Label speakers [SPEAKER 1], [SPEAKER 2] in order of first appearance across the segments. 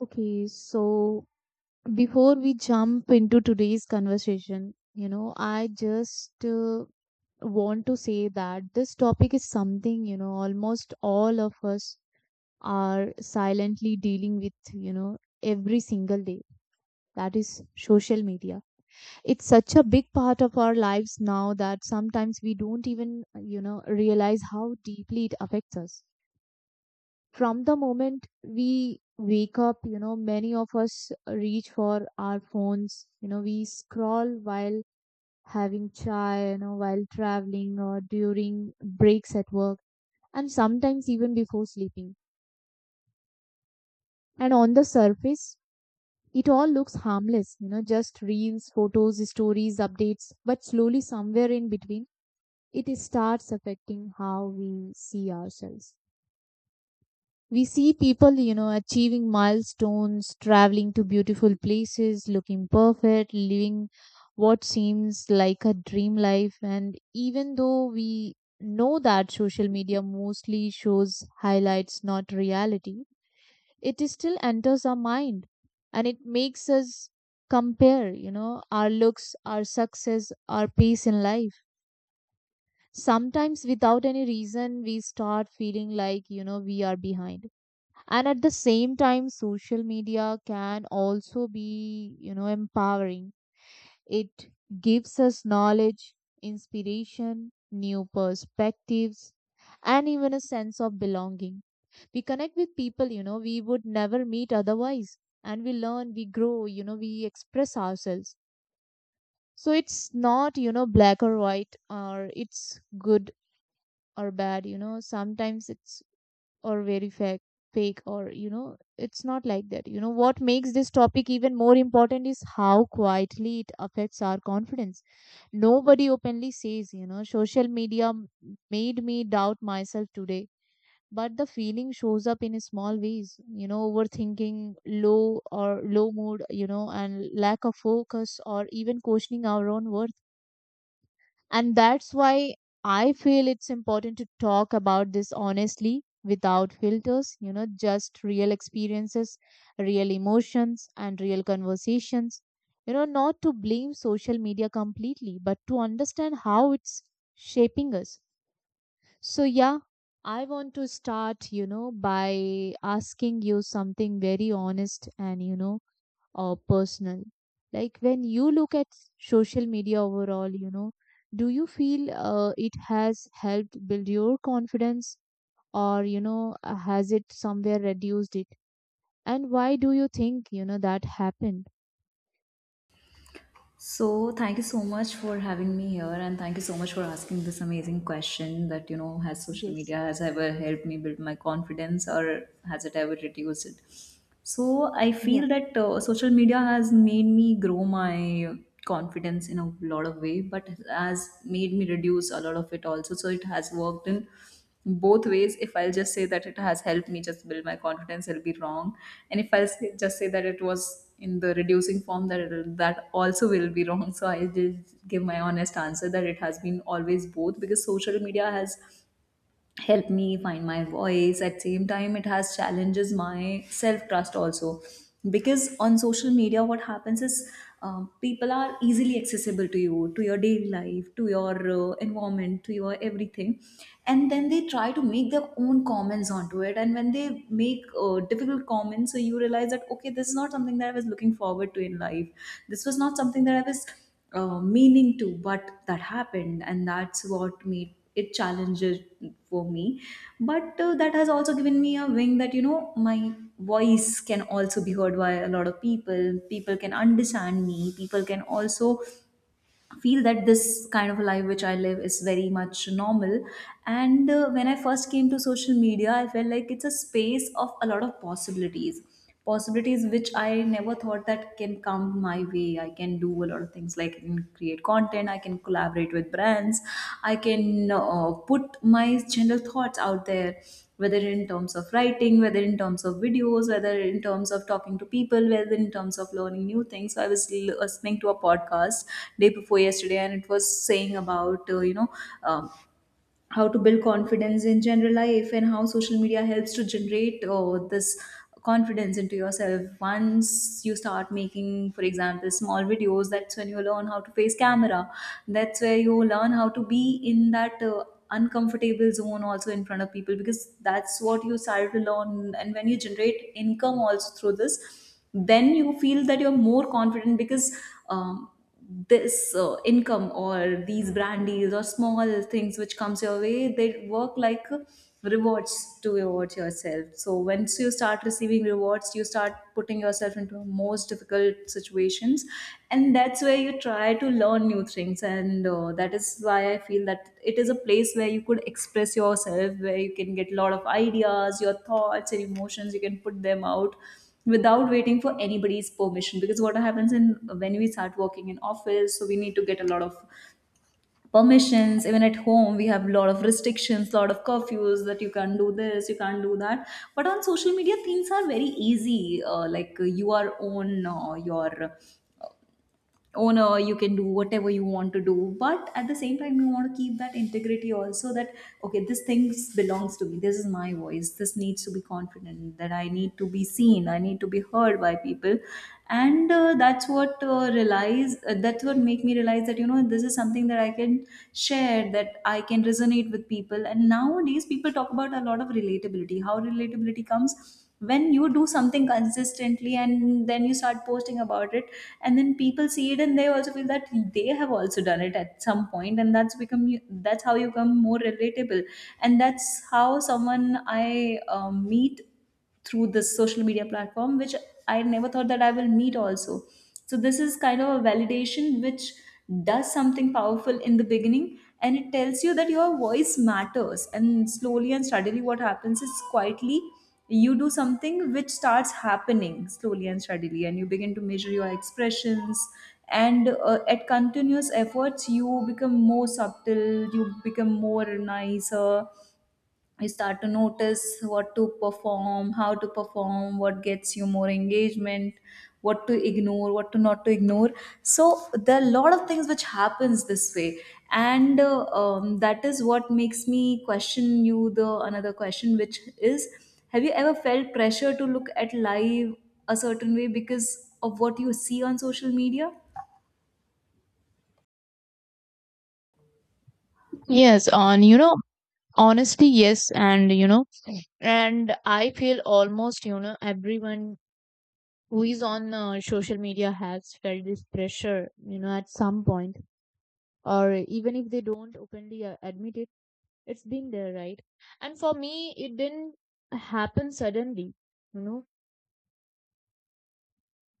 [SPEAKER 1] Okay, so before we jump into today's conversation, you know, I just want to say that this topic is something, you know, almost all of us are silently dealing with, you know, every single day. That is social media. It's such a big part of our lives now that sometimes we don't even, you know, realize how deeply it affects us. From the moment we wake up, you know, many of us reach for our phones. You know, we scroll while having chai, you know, while traveling or during breaks at work, and sometimes even before sleeping. And on the surface, it all looks harmless, you know, just reels, photos, stories, updates, but slowly somewhere in between, it starts affecting how we see ourselves. We see people, you know, achieving milestones, traveling to beautiful places, looking perfect, living what seems like a dream life. And even though we know that social media mostly shows highlights, not reality, it is still enters our mind and it makes us compare, you know, our looks, our success, our pace in life. Sometimes without any reason, we start feeling like, you know, we are behind. And at the same time, social media can also be, you know, empowering. It gives us knowledge, inspiration, new perspectives, and even a sense of belonging. We connect with people, you know, we would never meet otherwise, and we learn, we grow, you know, we express ourselves. So it's not, you know, black or white, or it's good or bad. You know, sometimes it's or very fake, fake, or you know, it's not like that. You know, what makes this topic even more important is how quietly it affects our confidence. Nobody openly says, you know, social media made me doubt myself today, but the feeling shows up in small ways, you know, overthinking, low or low mood, you know, and lack of focus, or even questioning our own worth. And that's why I feel it's important to talk about this honestly without filters, you know, just real experiences, real emotions, and real conversations. You know, not to blame social media completely, but to understand how it's shaping us. So, yeah, I want to start, you know, by asking you something very honest and, you know, or personal? Like when you look at social media overall, you know, do you feel it has helped build your confidence, or, you know, has it somewhere reduced it? And why do you think, you know, that happened?
[SPEAKER 2] So, thank you so much for having me here, and thank you so much for asking this amazing question that you know, has social
[SPEAKER 1] Yes.
[SPEAKER 2] media has ever helped me build my confidence or has it ever reduced it? So I
[SPEAKER 1] Yeah.
[SPEAKER 2] feel that social media has made me grow my confidence in a lot of way, but has made me reduce a lot of it also. So it has worked in both ways. If I'll just say that it has helped me just build my confidence, it'll be wrong. And if I'll say, just say that it was in the reducing form, that it'll, that also will be wrong. So I just give my honest answer that it has been always both, because social media has help me find my voice. At same time it has challenges my self trust also, because on social media what happens is people are easily accessible to you, to your daily life, to your environment, to your everything. And then they try to make their own comments onto it, and when they make difficult comments, so you realize that okay, this is not something that I was looking forward to in life. This was not something that I was meaning to, but that happened, and that's what made it challenges for me. But that has also given me a wing that you know, my voice can also be heard by a lot of people. People can understand me, people can also feel that this kind of a life which I live is very much normal. And when I first came to social media, I felt like it's a space of a lot of possibilities. Possibilities which I never thought that can come my way. I can do a lot of things, like I can create content, I can collaborate with brands, I can put my general thoughts out there, whether in terms of writing, whether in terms of videos, whether in terms of talking to people, whether in terms of learning new things. So I was listening to a podcast day before yesterday, and it was saying about um, how to build confidence in general life and how social media helps to generate this confidence into yourself. Once you start making, for example, small videos, that's when you learn how to face camera, that's where you learn how to be in that uncomfortable zone also in front of people, because that's what you started to learn. And when you generate income also through this, then you feel that you're more confident, because um, this income or these brand deals or small things which comes your way, they work like rewards to reward yourself. So once you start receiving rewards, you start putting yourself into most difficult situations, and that's where you try to learn new things. And that is why I feel that it is a place where you could express yourself, where you can get a lot of ideas, your thoughts and emotions, you can put them out without waiting for anybody's permission. Because what happens in, when we start working in office, so we need to get a lot of permissions. Even at home, we have a lot of restrictions, lot of curfews, that you can't do this, you can't do that. But on social media things are very easy. Like you are on your owner, you can do whatever you want to do. But at the same time, you want to keep that integrity also, that okay, this thing belongs to me, this is my voice, this needs to be confident, that I need to be seen, I need to be heard by people. And that's what realize, that's what make me realize that you know, this is something that I can share, that I can resonate with people. And nowadays people talk about a lot of relatability, how relatability comes when you do something consistently, and then you start posting about it, and then people see it, and they also feel that they have also done it at some point, and that's become you, that's how you become more relatable. And that's how someone I meet through this social media platform, which I never thought that I will meet also. So this is kind of a validation which does something powerful in the beginning, and it tells you that your voice matters. And slowly and steadily what happens is, quietly you do something which starts happening slowly and steadily, and you begin to measure your expressions. And at continuous efforts you become more subtle, you become more nicer, you start to notice what to perform, how to perform, what gets you more engagement, what to ignore, what to not to ignore. So there are a lot of things which happens this way. And that is what makes me question you the another question, which is, have you ever felt pressure to look at life a certain way because of what you see on social media?
[SPEAKER 1] Yes, on you know, honestly, yes, and you know, and I feel almost, you know, everyone who is on social media has felt this pressure, you know, at some point, or even if they don't openly admit it. It's been there, right? And for me, it didn't happen suddenly, you know,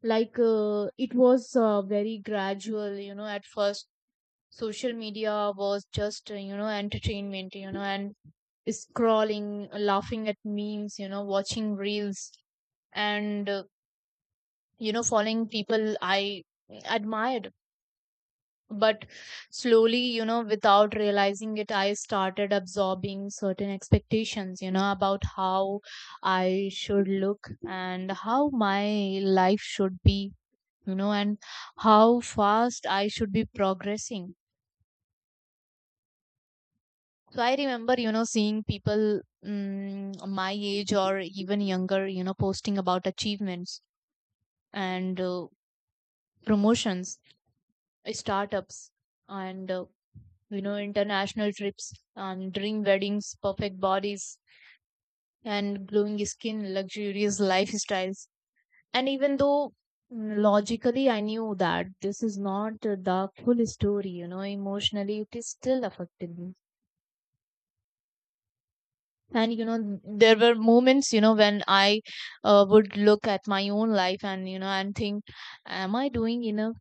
[SPEAKER 1] like it was very gradual, you know, at first. Social media was just, you know, entertainment, you know, and scrolling, laughing at memes, you know, watching reels and, you know, following people I admired. But slowly, you know, without realizing it, I started absorbing certain expectations, you know, about how I should look and how my life should be, you know, and how fast I should be progressing. So I remember, you know, seeing people my age or even younger, you know, posting about achievements and promotions, startups, and you know, international trips, dream weddings, perfect bodies, and glowing skin, luxurious lifestyles. And even though logically I knew that this is not the full story, you know, emotionally it is still affected me. And you know, there were moments, you know, when I would look at my own life and, you know, and think, am I doing enough?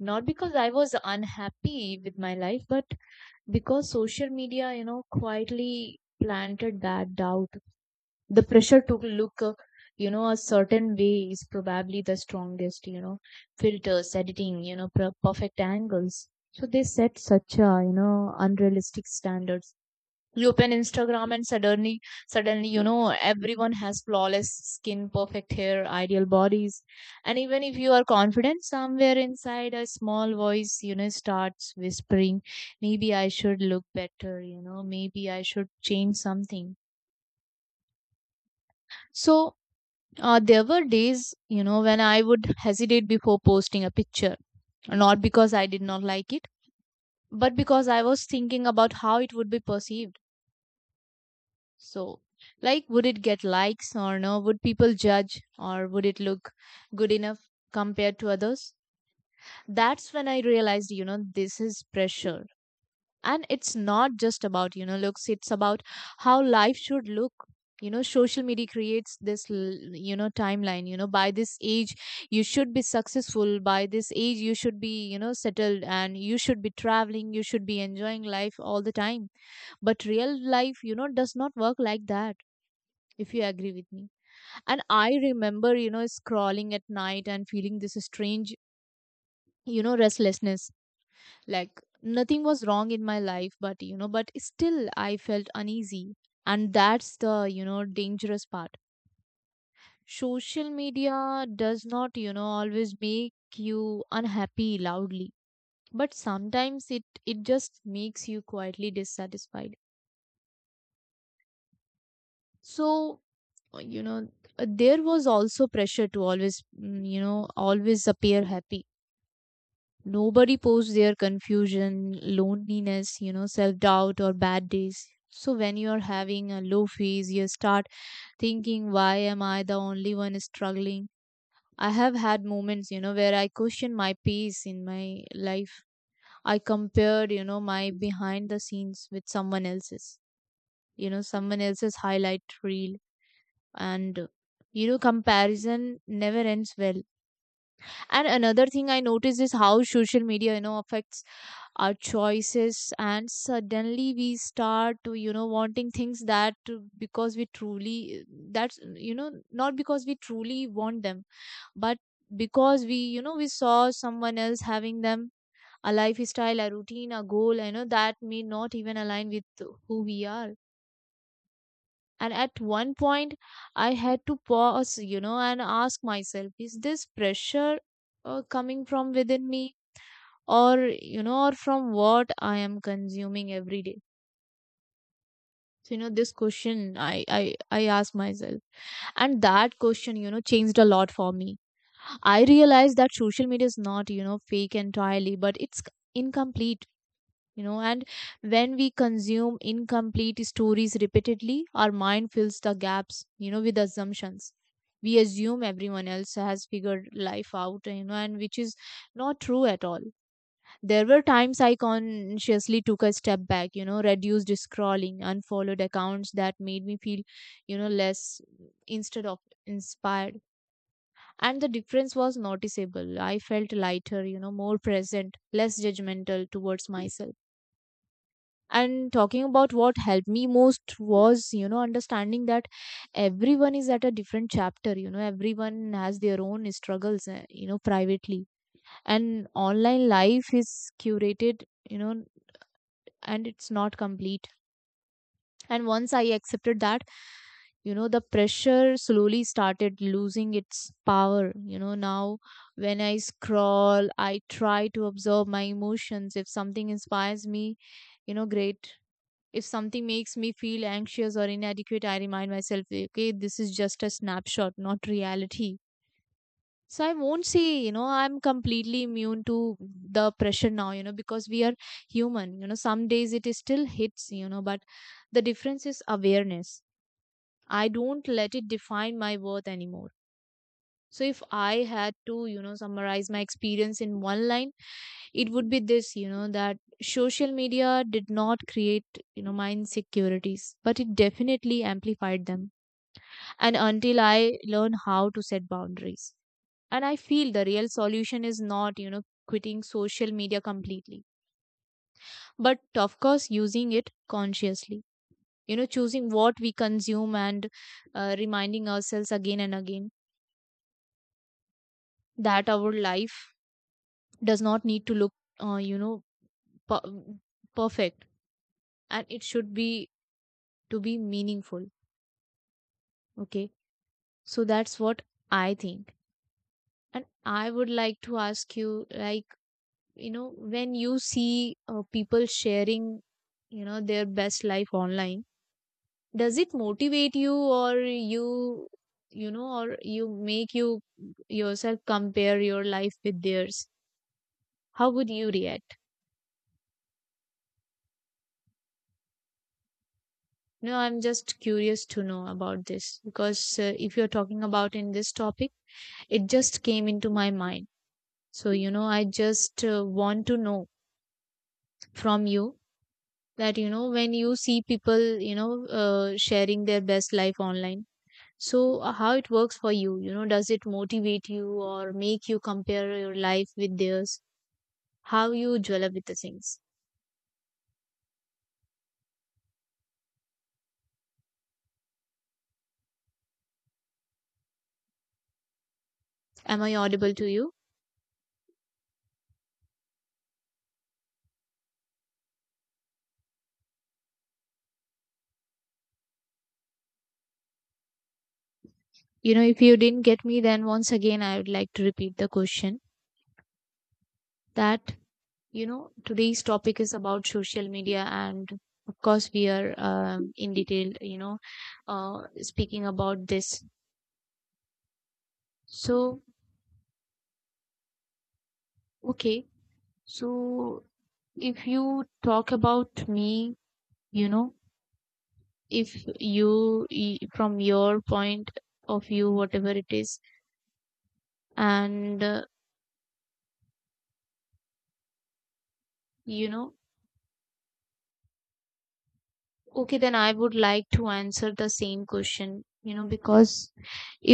[SPEAKER 1] Not because I was unhappy with my life, but because social media, you know, quietly planted that doubt. The pressure to look, you know, a certain way is probably the strongest. You know, filters, editing, you know, perfect angles, so they set such a, you know, unrealistic standards. You open Instagram and suddenly, you know, everyone has flawless skin, perfect hair, ideal bodies. And even if you are confident, somewhere inside a small voice, you know, starts whispering, maybe I should look better, you know, maybe I should change something. So, there were days, you know, when I would hesitate before posting a picture, not because I did not like it, but because I was thinking about how it would be perceived. So, like, would it get likes or no? Would people judge, or would it look good enough compared to others? That's when I realized, you know, this is pressure. And it's not just about, you know, looks, it's about how life should look. You know, social media creates this, you know, timeline. You know, by this age, you should be successful. By this age, you should be, you know, settled, and you should be traveling. You should be enjoying life all the time. But real life, you know, does not work like that, if you agree with me. And I remember, you know, scrawling at night and feeling this strange, you know, restlessness. Like nothing was wrong in my life, but, you know, but still I felt uneasy. And that's the, you know, dangerous part. Social media does not, you know, always make you unhappy loudly, but sometimes it just makes you quietly dissatisfied. So, you know, there was also pressure to always, you know, always appear happy. Nobody posts their confusion, loneliness, you know, self doubt, or bad days. So, when you're having a low phase, you start thinking, why am I the only one struggling? I have had moments, you know, where I question my pace in my life. I compared, you know, my behind the scenes with someone else's, you know, someone else's highlight reel. And, you know, comparison never ends well. And another thing I noticed is how social media, you know, affects our choices. And suddenly we start to, you know, wanting things that because we truly, that's, you know, not because we truly want them, but because we, you know, we saw someone else having them, a lifestyle, a routine, a goal, you know, that may not even align with who we are. And at one point, I had to pause, you know, and ask myself, is this pressure coming from within me, or you know, or from what I am consuming every day? So, you know, this question I ask myself, and that question, you know, changed a lot for me. I realized that social media is not, you know, fake entirely, but it's incomplete, you know. And when we consume incomplete stories repeatedly, our mind fills the gaps, you know, with assumptions. We assume everyone else has figured life out, you know, and which is not true at all. There were times I consciously took a step back, you know, reduced scrolling, unfollowed accounts that made me feel, you know, less instead of inspired. And the difference was noticeable. I felt lighter, you know, more present, less judgmental towards myself. And talking about what helped me most was, you know, understanding that everyone is at a different chapter, you know, everyone has their own struggles, you know, privately. And online life is curated, you know, and it's not complete. And once I accepted that, you know, the pressure slowly started losing its power. You know, now when I scroll, I try to observe my emotions. If something inspires me, you know, great. If something makes me feel anxious or inadequate, I remind myself, okay, this is just a snapshot, not reality. So I won't say, you know, I'm completely immune to the pressure now, you know, because we are human. You know, some days it is still hits, you know, but the difference is awareness. I don't let it define my worth anymore. So if I had to, you know, summarize my experience in one line, it would be this, you know, that social media did not create, you know, my insecurities, but it definitely amplified them. And until I learn how to set boundaries. And I feel the real solution is not, you know, quitting social media completely, but of course, using it consciously, you know, choosing what we consume and reminding ourselves again and again that our life does not need to look, you know, per- perfect, and it should be to be meaningful. Okay. So that's what I think. And I would like to ask you, like, when you see people sharing their best life online, does it motivate you, or you make yourself compare your life with theirs? How would you react? No, I'm just curious to know about this, because if you're talking about in this topic, it just came into my mind. So I just want to know from you, that when you see people sharing their best life online. So, how it works for you? Does it motivate you or make you compare your life with theirs? How you develop with the things? Am I audible to you? If you didn't get me, then once again, I would like to repeat the question, that, today's topic is about social media. And of course, we are in detail, speaking about this. So, okay. So, if you talk about me, you know, if you, from your point of view, whatever it is, and you know okay, then I would like to answer the same question, because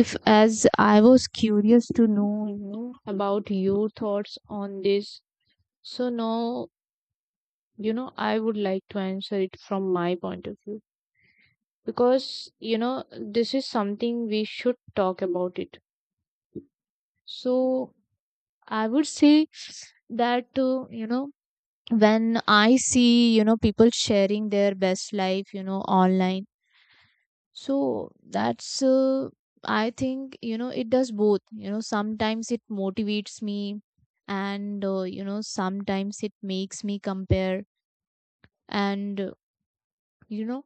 [SPEAKER 1] if, as I was curious to know, about your thoughts on this. So now, I would like to answer it from my point of view, because this is something we should talk about it. So I would say that when I see, people sharing their best life, online. So that's, I think, it does both. Sometimes it motivates me, and, sometimes it makes me compare. And, you know,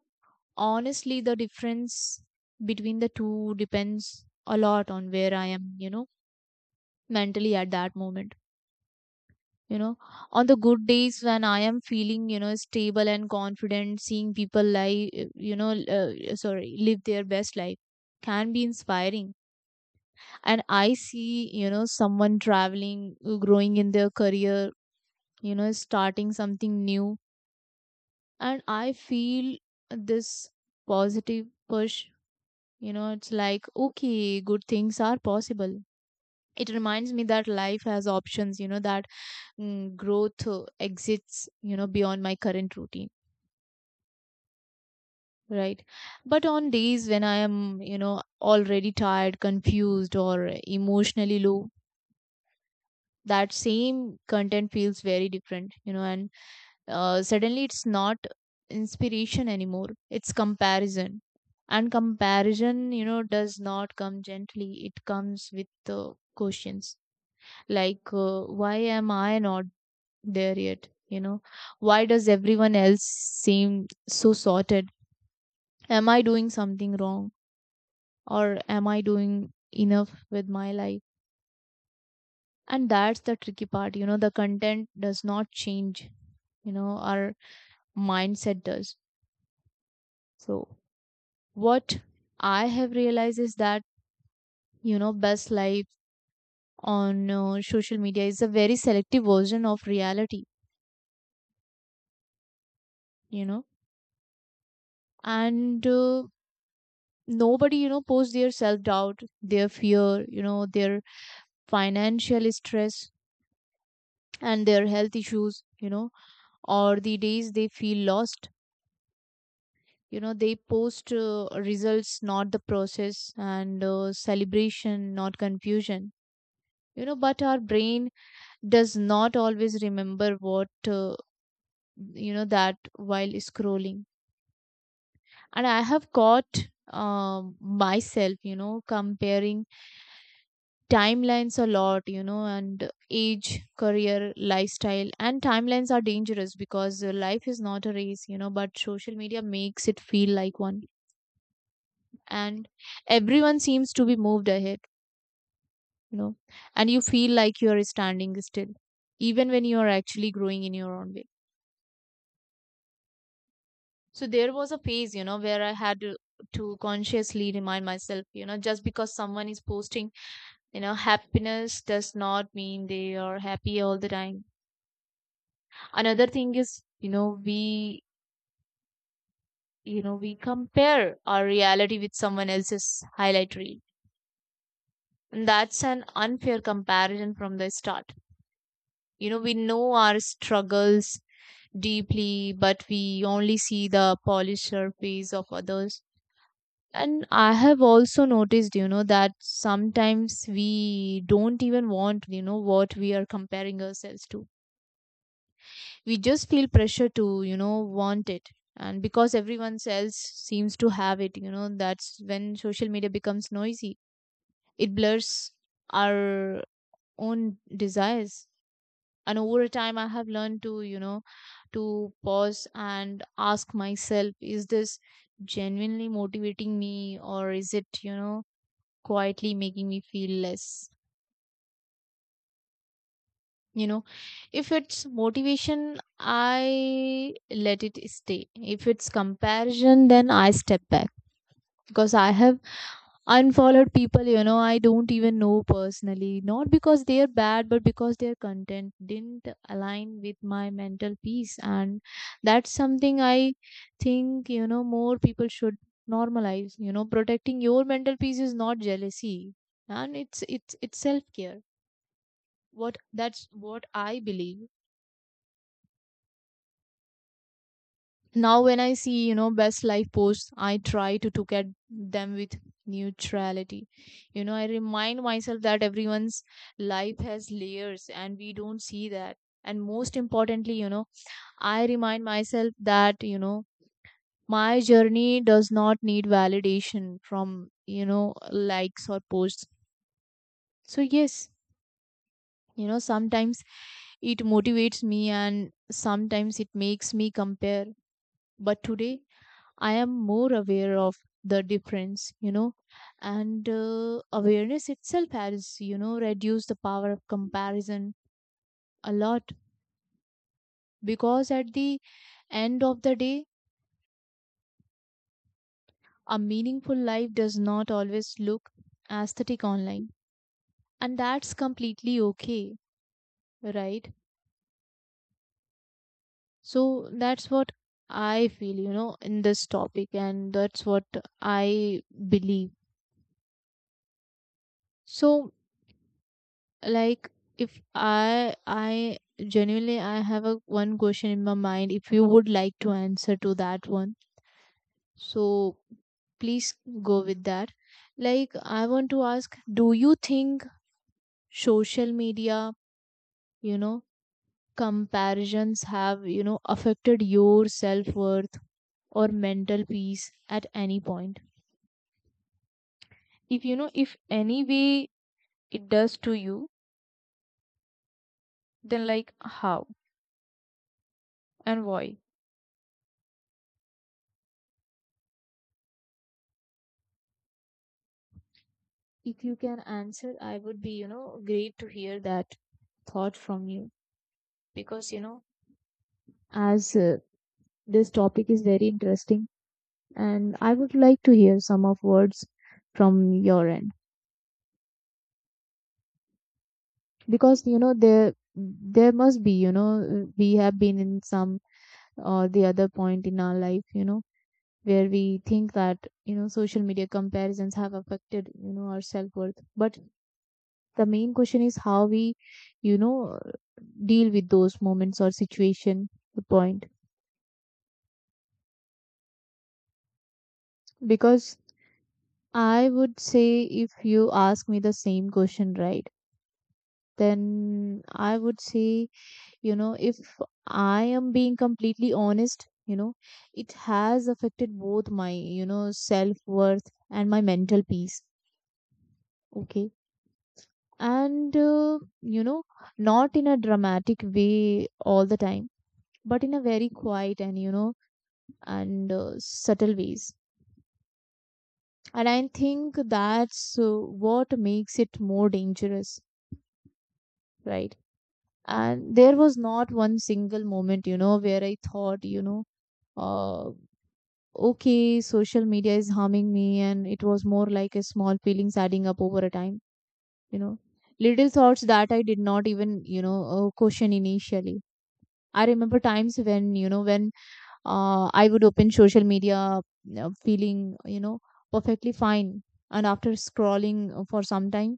[SPEAKER 1] honestly, the difference between the two depends a lot on where I am, mentally at that moment. you know on the good days, when I am feeling, stable and confident, seeing people live, you know sorry live their best life, can be inspiring. And I see, someone traveling, growing in their career, starting something new. And I feel this positive push, it's like, okay, good things are possible. It reminds me that life has options, that growth exists, beyond my current routine. Right. But on days when I am, already tired, confused, or emotionally low, that same content feels very different, and suddenly it's not inspiration anymore. It's comparison. And comparison, does not come gently. It comes with questions like, why am I not there yet? Why does everyone else seem so sorted? Am I doing something wrong? Or am I doing enough with my life? And that's the tricky part, the content does not change, our mindset does. So, what I have realized is that, best life on social media is a very selective version of reality, you know, and nobody, posts their self doubt, their fear, their financial stress and their health issues, or the days they feel lost. They post results, not the process, and celebration, not confusion. But our brain does not always remember what that, while scrolling. And I have caught um myself, comparing timelines a lot, and age, career, lifestyle, and timelines are dangerous, because life is not a race, but social media makes it feel like one. And everyone seems to be moved ahead, you know and you feel like you are standing still, even when you are actually growing in your own way. So there was a phase, where I had to consciously remind myself, just because someone is posting happiness, does not mean they are happy all the time. Another thing is, we we compare our reality with someone else's highlight reel, and that's an unfair comparison from the start. We know our struggles deeply, but we only see the polished surface of others. And I have also noticed, that sometimes we don't even want, what we are comparing ourselves to. We just feel pressure to, want it. And because everyone else seems to have it, that's when social media becomes noisy. It blurs our own desires. And over time, I have learned to you know to pause and ask myself, is this genuinely motivating me, or is it, quietly making me feel less? you know if it's motivation, I let it stay. If it's comparison, then I step back. Because I have unfollowed people, I don't even know personally, not because they are bad, but because their content didn't align with my mental peace. And that's something I think, more people should normalize. Protecting your mental peace is not jealousy, and it's self care. What that's what I believe. Now, when I see, best life posts, I try to look at them with neutrality. I remind myself that everyone's life has layers, and we don't see that. And most importantly, I remind myself that, my journey does not need validation from, likes or posts. So, yes, sometimes it motivates me, and sometimes it makes me compare. But today, I am more aware of the difference, and awareness itself has, reduced the power of comparison a lot, because at the end of the day, a meaningful life does not always look aesthetic online, and that's completely okay, right? So that's what I feel, in this topic, and that's what I believe. So, like, if I genuinely, I have a one question in my mind. If you would like to answer to that one, so please go with that. Like, I want to ask, do you think social media, you know comparisons have, affected your self-worth or mental peace at any point? If you know, if any way it does to you, then, like, how and why? If you can answer, I would be, great to hear that thought from you, because as this topic is very interesting, and I would like to hear some of words from your end. Because there must be, we have been in some or the other point in our life, where we think that, social media comparisons have affected, our self worth. But the main question is how we, you know deal with those moments or situation, the point. Because I would say, if you ask me the same question, right? Then I would say, if I am being completely honest, you know it has affected both my, self worth and my mental peace. Okay. And you know not in a dramatic way all the time, but in a very quiet and, subtle ways. And I think that's what makes it more dangerous, right? And there was not one single moment, where I thought, uh, okay, social media is harming me. And it was more like a small feelings adding up over a time, you know, little thoughts that I did not even, question initially. I remember times when, I would open social media, you feeling, perfectly fine. And after scrolling for some time,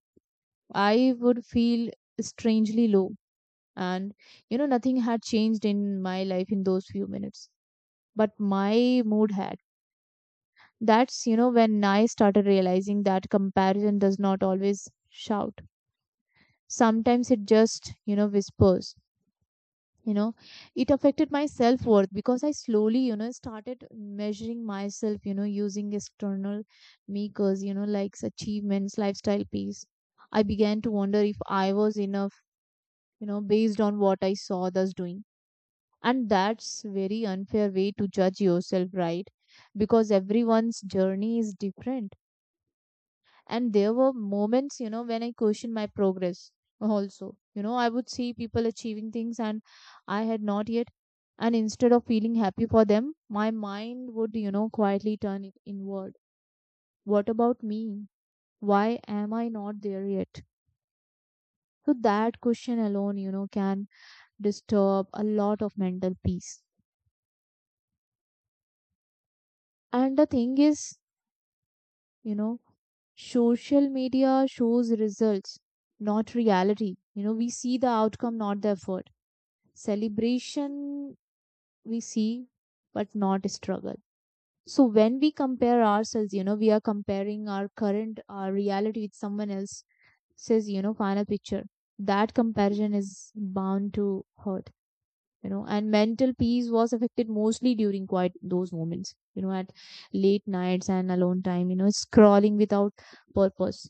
[SPEAKER 1] I would feel strangely low. And, nothing had changed in my life in those few minutes, but my mood had. That's, when I started realizing that comparison does not always shout. Sometimes it just, whispers. you know it affected my self worth, because I slowly, started measuring myself, using external makers, like achievements, lifestyle, peace. I began to wonder if I was enough, based on what I saw others doing. And that's very unfair way to judge yourself, right? Because everyone's journey is different, and there were moments, when I questioned my progress. Also, I would see people achieving things and I had not yet. And instead of feeling happy for them, my mind would, quietly turn it inward. What about me? Why am I not there yet? So that question alone, can disturb a lot of mental peace. And the thing is, you know social media shows results, not reality. You know we see the outcome, not the effort. Celebration we see, but not struggle. So when we compare ourselves, we are comparing our current, our reality with someone else says, final picture. That comparison is bound to hurt, and mental peace was affected mostly during quite those moments, at late nights and alone time, scrolling without purpose.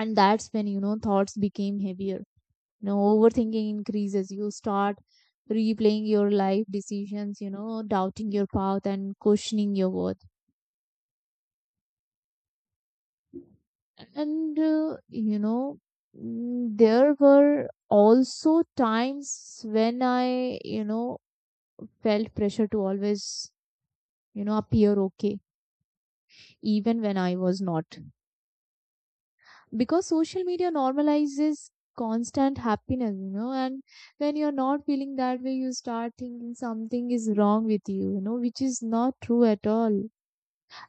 [SPEAKER 1] And that's when, thoughts became heavier. You know overthinking increases. You start replaying your life decisions, doubting your path and questioning your worth. And you know mm, There were also times when I, felt pressure to always, appear okay, even when I was not, because social media normalizes constant happiness, and when you're not feeling that way, you start thinking something is wrong with you, you know which is not true at all.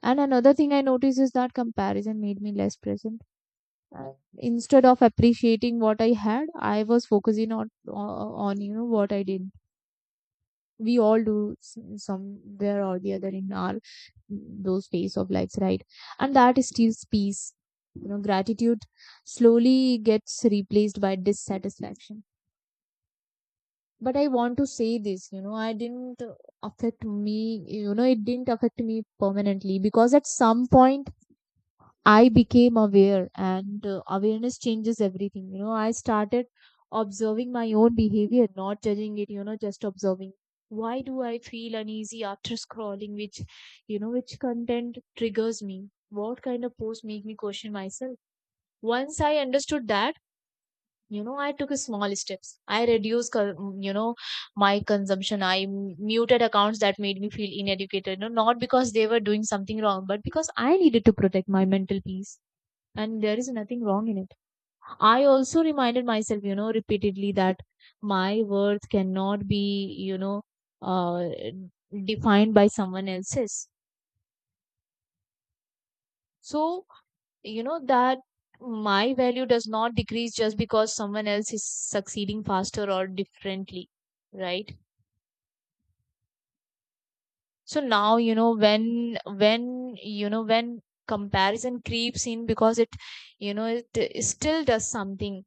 [SPEAKER 1] And another thing I noticed is that comparison made me less present. Uh, Instead of appreciating what I had, I was focusing on what I did. We all do somewhere or the other in our those phase of lives, right? And that steals peace. Gratitude slowly gets replaced by dissatisfaction. But I want to say this, I didn't, affect me. It didn't affect me permanently, because at some point I became aware, and awareness changes everything. I started observing my own behavior, not judging it, just observing. Why do I feel uneasy after scrolling? Which content triggers me? What kind of posts make me question myself? Once I understood that, I took a small steps. I reduced, my consumption. I muted accounts that made me feel inadequate, not because they were doing something wrong, but because I needed to protect my mental peace, and there is nothing wrong in it. I also reminded myself, repeatedly, that my worth cannot be, uh, defined by someone else's. So, that my value does not decrease just because someone else is succeeding faster or differently, right? So now, when comparison creeps in, because it, it still does something,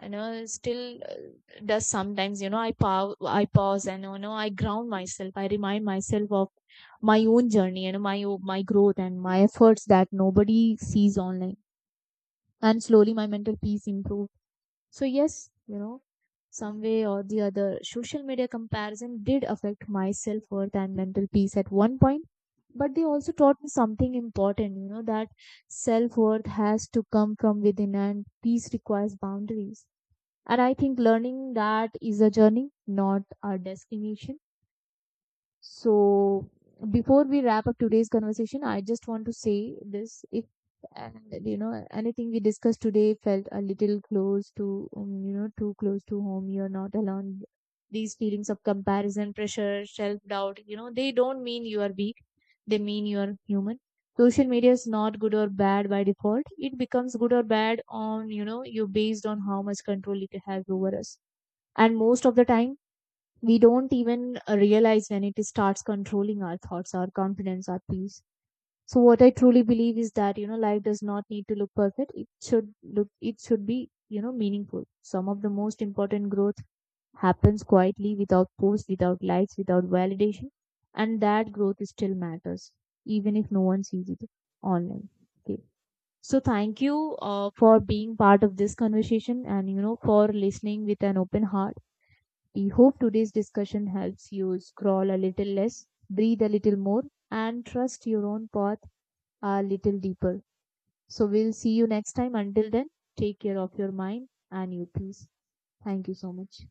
[SPEAKER 1] you know still does sometimes. I pause, I pause and, I ground myself. I remind myself of my own journey, my my growth and my efforts that nobody sees online. And slowly my mental peace improved. So yes, some way or the other, social media comparison did affect my self worth and mental peace at one point. But they also taught me something important, that self worth has to come from within and peace requires boundaries. And I think learning that is a journey, not a destination. So before we wrap up today's conversation, I just want to say this: if and anything we discussed today felt a little close to too close to home, you're not alone. These feelings of comparison, pressure, self doubt, they don't mean you are weak. They mean you are human. Social media is not good or bad by default. It becomes good or bad on, you, based on how much control it has over us. And most of the time we don't even, realize when it starts controlling our thoughts, our confidence, our peace. So what I truly believe is that, life does not need to look perfect. It should look, it should be, meaningful. Some of the most important growth happens quietly, without posts, without likes, without validation. And that growth still matters, even if no one sees it online. Okay. So thank you, for being part of this conversation, and, for listening with an open heart. We hope today's discussion helps you scroll a little less, breathe a little more, and trust your own path a little deeper. So we'll see you next time. Until then, take care of your mind and your peace. Thank you so much.